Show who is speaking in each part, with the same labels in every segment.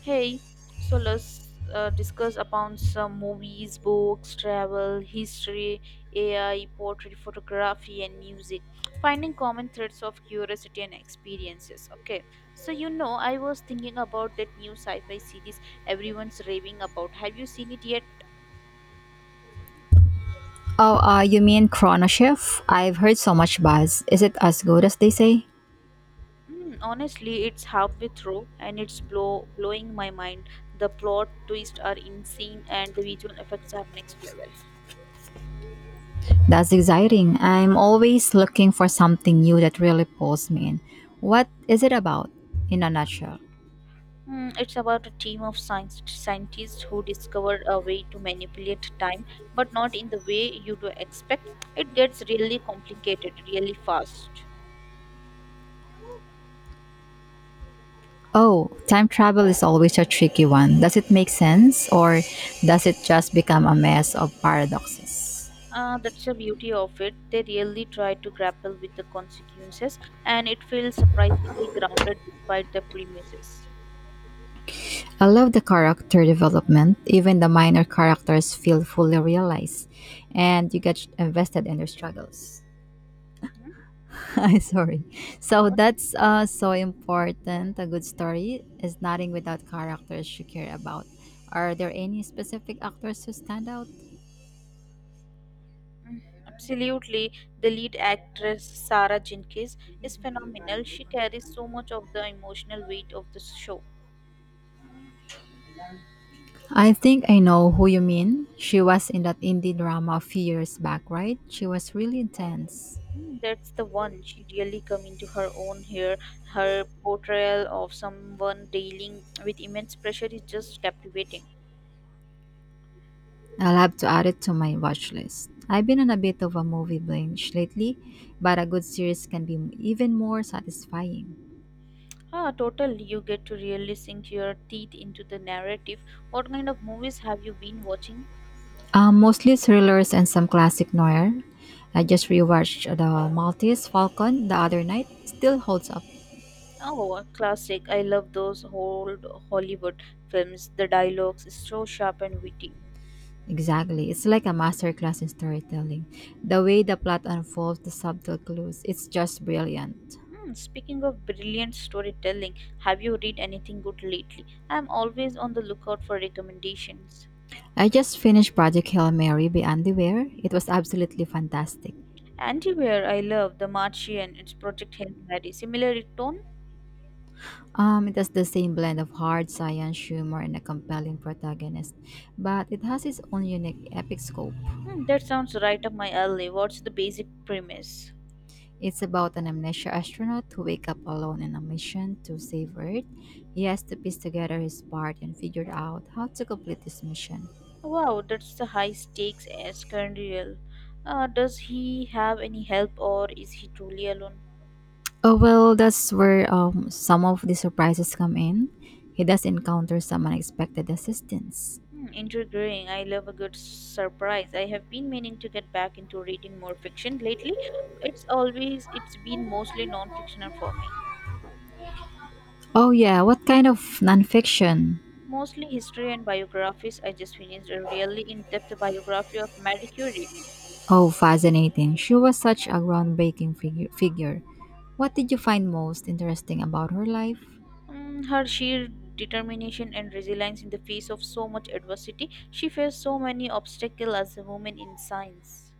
Speaker 1: Hey, so let's discuss upon some movies, books, travel, history, AI, portrait, photography, and music, finding common threads of curiosity and experiences. Okay, so I was thinking about that new sci fi series everyone's raving about. Have you seen it yet?
Speaker 2: Oh, you mean Chrono Shift? I've heard so much buzz. Is it as good as they say?
Speaker 1: Mm, honestly, it's halfway through and it's blowing my mind. The plot twists are insane and the visual effects are next level.
Speaker 2: That's exciting. I'm always looking for something new that really pulls me in. What is it about, in a nutshell?
Speaker 1: Mm, it's about a team of scientists who discovered a way to manipulate time, but not in the way you do expect. It gets really complicated really fast.
Speaker 2: Oh, time travel is always a tricky one. Does it make sense, or does it just become a mess of paradoxes?
Speaker 1: That's the beauty of it. They really try to grapple with the consequences, and it feels surprisingly grounded despite the premises.
Speaker 2: I love the character development. Even the minor characters feel fully realized, and you get invested in their struggles.
Speaker 1: Hmm?
Speaker 2: Sorry. So
Speaker 1: What?
Speaker 2: that's so important. A good story is nothing without characters you care about. Are there any specific actors who stand out?
Speaker 1: Mm, absolutely. The lead actress, Sarah Jenkins, is phenomenal. She carries so much of the emotional weight of the show.
Speaker 2: I think I know who you mean. She was in that indie drama a few years back, right? She was really intense.
Speaker 1: Mm, that's the one. She really come into her own here. Her portrayal of someone dealing with immense pressure is just captivating.
Speaker 2: I'll have to add it to my watch list. I've been on a bit of a movie binge lately, but a good series can be even more satisfying.
Speaker 1: Ah, totally. You get to really sink your teeth into the narrative. What kind of movies have you been watching?
Speaker 2: Mostly thrillers and some classic noir. I just rewatched The Maltese Falcon the other night. Still holds up.
Speaker 1: Oh, a classic. I love those old Hollywood films. The dialogues is so sharp and witty.
Speaker 2: Exactly. It's like a masterclass in storytelling. The way the plot unfolds, the subtle clues, it's just brilliant.
Speaker 1: Hmm, speaking of brilliant storytelling, have you read anything good lately? I'm always on the lookout for recommendations.
Speaker 2: I just finished Project Hail Mary by Andy Weir. It was absolutely fantastic.
Speaker 1: Antiware, I love The Martian. It's Project Hail Mary. Similar tone?
Speaker 2: It has the same blend of hard science, humor, and a compelling protagonist, but it has its own unique epic scope.
Speaker 1: Hmm, that sounds right up my alley. What's the basic premise?
Speaker 2: It's about an amnesia astronaut who wakes up alone in a mission to save Earth. He has to piece together his part and figure out how to complete this mission.
Speaker 1: Wow, that's the high stakes Escandiel. Does he have any help, or is he truly alone?
Speaker 2: Oh well, that's where some of the surprises come in. He does encounter some unexpected assistance.
Speaker 1: Hmm, intriguing. I love a good surprise. I have been meaning to get back into reading more fiction lately. It's been mostly non-fictional for me.
Speaker 2: Oh yeah, what kind of nonfiction?
Speaker 1: Mostly history and biographies. I just finished a really in-depth biography of Marie Curie.
Speaker 2: Oh, fascinating. She was such a groundbreaking figure. What did you find most interesting about her life?
Speaker 1: Mm, her sheer determination and resilience in the face of so much adversity. She faced so many obstacles as a woman in science,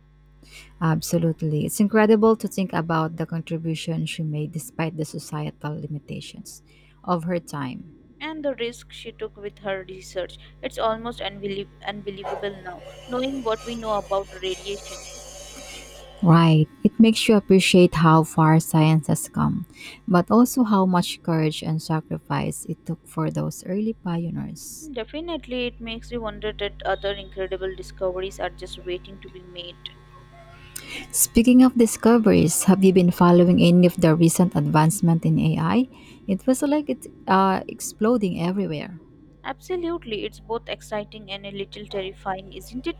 Speaker 2: Absolutely. It's incredible to think about the contribution she made despite the societal limitations of her time.
Speaker 1: and the risk she took with her research, it's almost unbelievable now, knowing what we know about radiation.
Speaker 2: Right. It makes you appreciate how far science has come, but also how much courage and sacrifice it took for those early pioneers.
Speaker 1: Definitely, it makes you wonder that other incredible discoveries are just waiting to be made.
Speaker 2: Speaking of discoveries, have you been following any of the recent advancement in AI? It was like it's exploding everywhere.
Speaker 1: Absolutely, it's both exciting and a little terrifying, isn't it?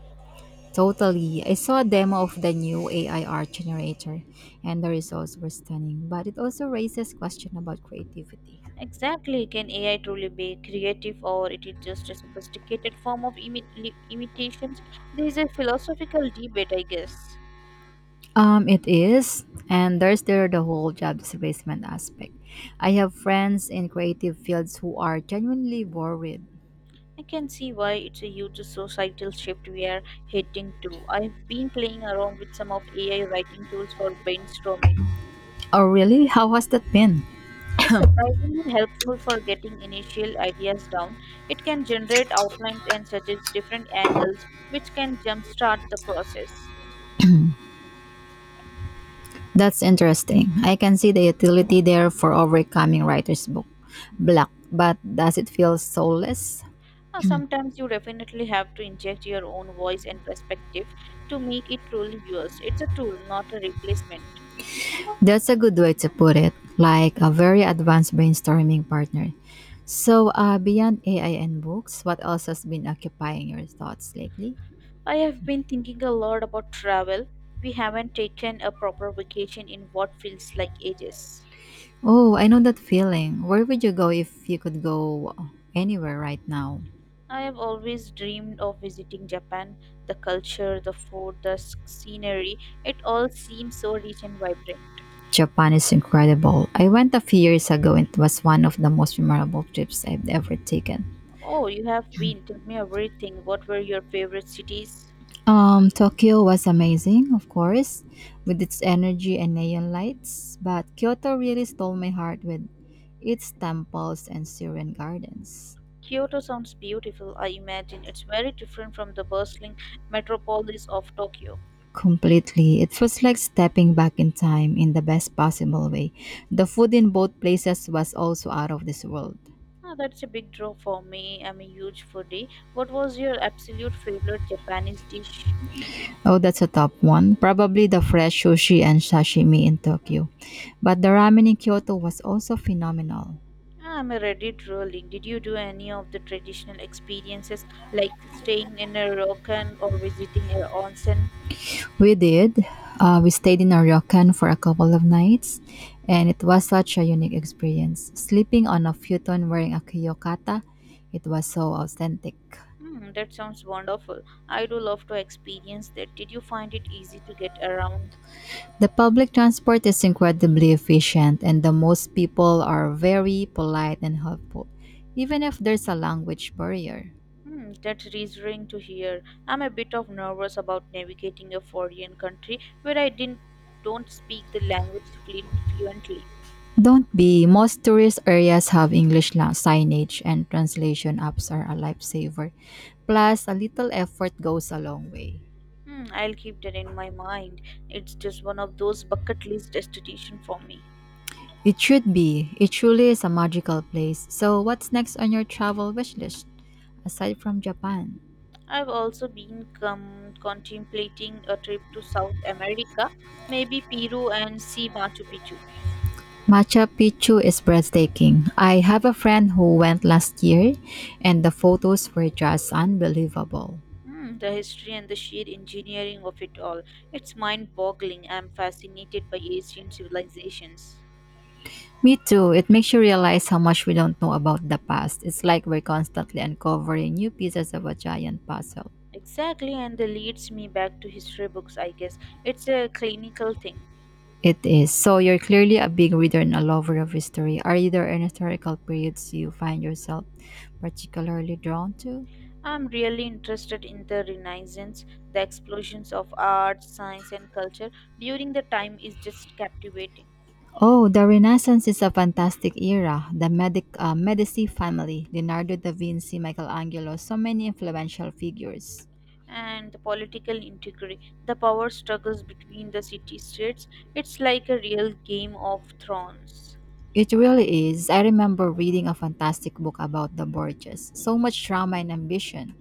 Speaker 2: Totally. I saw a demo of the new AI art generator and the results were stunning, but it also raises question about creativity.
Speaker 1: Exactly. Can AI truly be creative, or it is just a sophisticated form of imitations? There is a philosophical debate, I guess.
Speaker 2: It is, and there's the whole job displacement aspect. I have friends in creative fields who are genuinely worried.
Speaker 1: I can see why. It's a huge societal shift we are heading to. I've been playing around with some of AI writing tools for brainstorming.
Speaker 2: Oh really? How has that been?
Speaker 1: It's surprisingly helpful for getting initial ideas down. It can generate outlines and suggest different angles, which can jumpstart the process.
Speaker 2: That's interesting. I can see the utility there for overcoming writer's book block, but does it feel soulless?
Speaker 1: Sometimes you definitely have to inject your own voice and perspective to make it truly yours. It's a tool, not a replacement.
Speaker 2: That's a good way to put it, like a very advanced brainstorming partner. So, beyond AI and books, what else has been occupying your thoughts lately?
Speaker 1: I have been thinking a lot about travel. We haven't taken a proper vacation in what feels like ages.
Speaker 2: Oh, I know that feeling. Where would you go if you could go anywhere right now?
Speaker 1: I have always dreamed of visiting Japan. The culture, the food, the scenery, it all seems so rich and vibrant.
Speaker 2: Japan is incredible. I went a few years ago and it was one of the most memorable trips I've ever taken.
Speaker 1: Oh, you have been. Tell me everything. What were your favorite cities?
Speaker 2: Tokyo was amazing, of course, with its energy and neon lights, but Kyoto really stole my heart with its temples and serene gardens.
Speaker 1: Kyoto sounds beautiful, I imagine. It's very different from the bustling metropolis of Tokyo.
Speaker 2: Completely. It was like stepping back in time in the best possible way. The food in both places was also out of this world.
Speaker 1: Ah, that's a big draw for me. I'm a huge foodie. What was your absolute favorite Japanese dish?
Speaker 2: Oh, that's a top one. Probably the fresh sushi and sashimi in Tokyo. But the ramen in Kyoto was also phenomenal.
Speaker 1: Ah, I'm a Reddit rolling. Did you do any of the traditional experiences like staying in a ryokan or visiting an onsen?
Speaker 2: We did. We stayed in Araucan for a couple of nights, and it was such a unique experience. Sleeping on a futon wearing a kiyokata, it was so authentic.
Speaker 1: Hmm, that sounds wonderful. I do love to experience that. Did you find it easy to get around?
Speaker 2: The public transport is incredibly efficient, and the most people are very polite and helpful, even if there's a language barrier.
Speaker 1: Hmm, that's reassuring to hear. I'm a bit of nervous about navigating a foreign country where I didn't don't speak the language fluently.
Speaker 2: Don't be, most tourist areas have English signage, and translation apps are a lifesaver. Plus, a little effort goes a long way.
Speaker 1: Hmm, I'll keep that in my mind. It's just one of those bucket list destinations for me.
Speaker 2: It should be. It truly is a magical place. So, what's next on your travel wish list aside from Japan?
Speaker 1: I've also been contemplating a trip to South America, maybe Peru, and see Machu Picchu.
Speaker 2: Machu Picchu is breathtaking. I have a friend who went last year, and the photos were just unbelievable.
Speaker 1: Hmm, the history and the sheer engineering of it all. It's mind boggling. I'm fascinated by ancient civilizations.
Speaker 2: Me too. It makes you realize how much we don't know about the past. It's like we're constantly uncovering new pieces of a giant puzzle.
Speaker 1: Exactly, and that leads me back to history books, I guess. It's a clinical thing.
Speaker 2: It is. So, you're clearly a big reader and a lover of history. Are there any historical periods you find yourself particularly drawn to?
Speaker 1: I'm really interested in the Renaissance. The explosions of art, science, and culture during the time is just captivating.
Speaker 2: Oh, the Renaissance is a fantastic era. The Medici family, Leonardo da Vinci, Michelangelo, so many influential figures.
Speaker 1: And the political intrigue, the power struggles between the city states, it's like a real game of thrones.
Speaker 2: It really is. I remember reading a fantastic book about the Borgias. So much drama and ambition.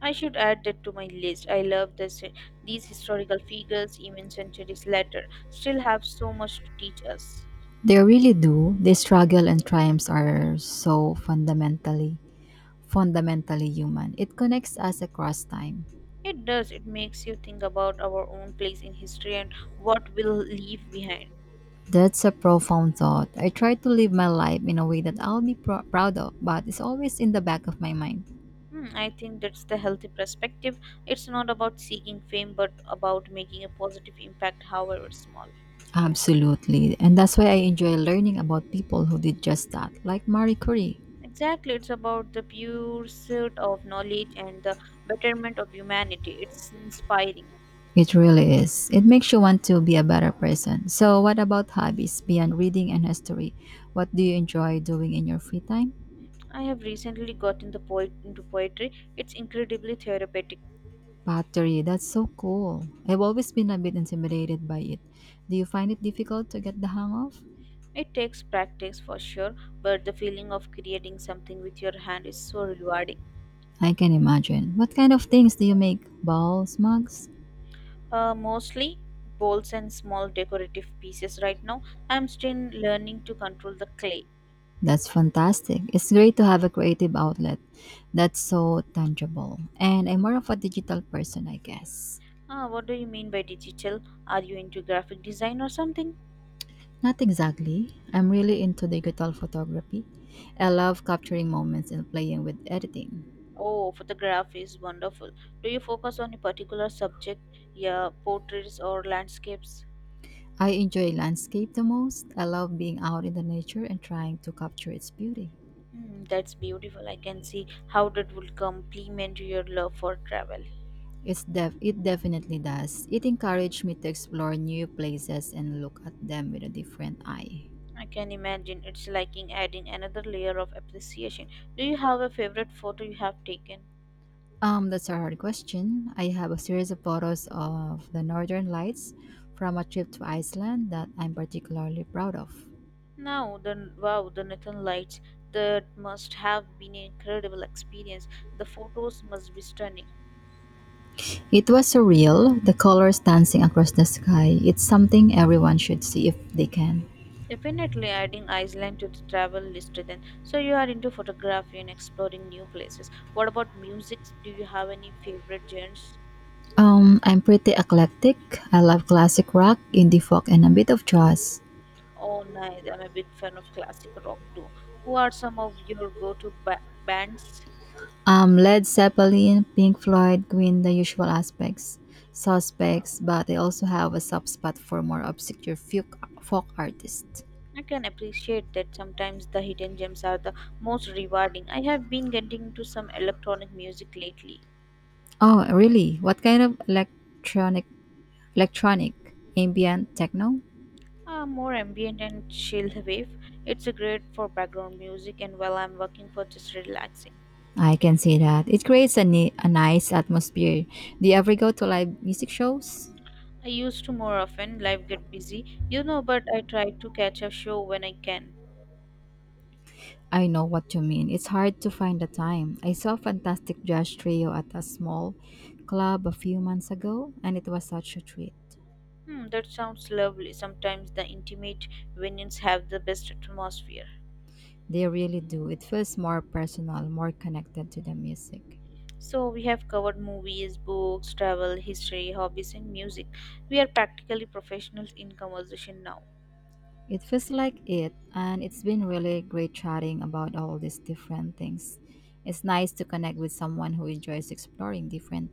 Speaker 1: I should add that to my list. I love this, these historical figures, even centuries later, still have so much to teach us.
Speaker 2: They really do. Their struggle and triumphs are so fundamentally human. It connects us across time.
Speaker 1: It does. It makes you think about our own place in history and what we'll leave behind.
Speaker 2: That's a profound thought. I try to live my life in a way that I'll be proud of, but it's always in the back of my mind.
Speaker 1: Hmm, I think that's the healthy perspective. It's not about seeking fame, but about making a positive impact, however small.
Speaker 2: Absolutely. And that's why I enjoy learning about people who did just that, like Marie Curie.
Speaker 1: Exactly. It's about the pursuit of knowledge and the betterment of humanity. It's inspiring.
Speaker 2: It really is. It makes you want to be a better person. So, what about hobbies beyond reading and history? What do you enjoy doing in your free time?
Speaker 1: I have recently gotten the poet into poetry. It's incredibly therapeutic.
Speaker 2: Pottery. That's so cool. I've always been a bit intimidated by it. Do you find it difficult to get the hang of?
Speaker 1: It takes practice for sure, but the feeling of creating something with your hand is so rewarding.
Speaker 2: I can imagine. What kind of things do you make? Balls, mugs?
Speaker 1: Mostly bowls and small decorative pieces right now. I'm still learning to control the clay.
Speaker 2: That's fantastic. It's great to have a creative outlet that's so tangible. And I'm more of a digital person, I guess.
Speaker 1: Ah, what do you mean by digital? Are you into graphic design or something?
Speaker 2: Not exactly. I'm really into digital photography. I love capturing moments and playing with editing.
Speaker 1: Oh, photograph is wonderful. Do you focus on a particular subject? Yeah, portraits or landscapes?
Speaker 2: I enjoy landscape the most. I love being out in the nature and trying to capture its beauty.
Speaker 1: Hmm, that's beautiful. I can see how that would complement your love for travel.
Speaker 2: It's it definitely does. It encouraged me to explore new places and look at them with a different eye.
Speaker 1: I can imagine it's liking adding another layer of appreciation. Do you have a favorite photo you have taken?
Speaker 2: That's a hard question. I have a series of photos of the northern lights from a trip to Iceland that I'm particularly proud of.
Speaker 1: Now, the wow, the Northern Lights. That must have been an incredible experience. The photos must be stunning.
Speaker 2: It was surreal, the colors dancing across the sky. It's something everyone should see if they can.
Speaker 1: Definitely adding Iceland to the travel list then. So you are into photography and exploring new places. What about music? Do you have any favorite genres?
Speaker 2: I'm pretty eclectic. I love classic rock, indie folk, and a bit of jazz.
Speaker 1: Oh, nice. I'm a big fan of classic rock too. Who are some of your go-to bands?
Speaker 2: Led Zeppelin, Pink Floyd, Queen, the suspects, but I also have a soft spot for more obscure folk artists.
Speaker 1: I can appreciate that. Sometimes the hidden gems are the most rewarding. I have been getting into some electronic music lately.
Speaker 2: Oh, really? What kind of electronic ambient techno?
Speaker 1: A more ambient and chilled wave. It's great for background music and while I'm working for just relaxing.
Speaker 2: I can see that. It creates a, a nice atmosphere. Do you ever go to live music shows?
Speaker 1: I used to more often, life get busy, you know, but I try to catch a show when I can.
Speaker 2: I know what you mean. It's hard to find the time. I saw Fantastic Jazz Trio at a small club a few months ago, and it was such a treat.
Speaker 1: Hmm, that sounds lovely. Sometimes the intimate venues have the best atmosphere.
Speaker 2: They really do. It feels more personal, more connected to the music.
Speaker 1: So we have covered movies, books, travel, history, hobbies and music. We are practically professionals in conversation now.
Speaker 2: It feels like it, and it's been really great chatting about all these different things. It's nice to connect with someone who enjoys exploring different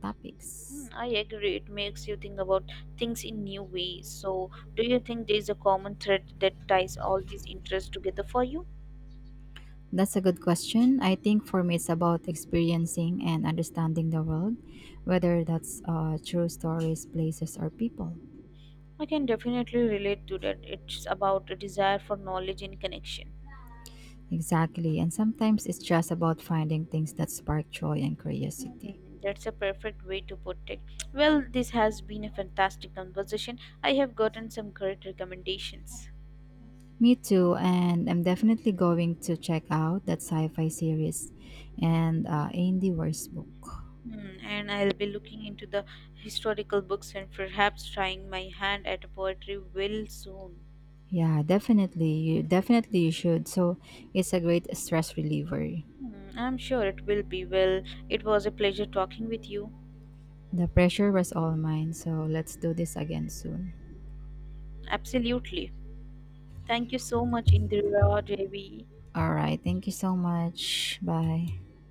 Speaker 1: Mm,
Speaker 2: topics.
Speaker 1: I agree. It makes you think about things in new ways. So, do you think there's a common thread that ties all these interests together for you?
Speaker 2: That's a good question. I think for me, it's about experiencing and understanding the world, whether that's true stories, places, or people.
Speaker 1: I can definitely relate to that. It's about a desire for knowledge and connection.
Speaker 2: Exactly. And sometimes it's just about finding things that spark joy and curiosity.
Speaker 1: Mm, that's a perfect way to put it. Well, this has been a fantastic conversation. I have gotten some great recommendations.
Speaker 2: Me too, and I'm definitely going to check out that sci-fi series and Andy Weir's book.
Speaker 1: Hmm, and I'll be looking into the historical books and perhaps trying my hand at poetry will soon.
Speaker 2: Yeah, definitely. You definitely you should. So it's a great stress reliever.
Speaker 1: Hmm, I'm sure it will be. Well, it was a pleasure talking with you.
Speaker 2: The pressure was all mine. So let's do this again soon.
Speaker 1: Absolutely. Thank you so much, Indira Devi.
Speaker 2: All right. Thank you so much. Bye.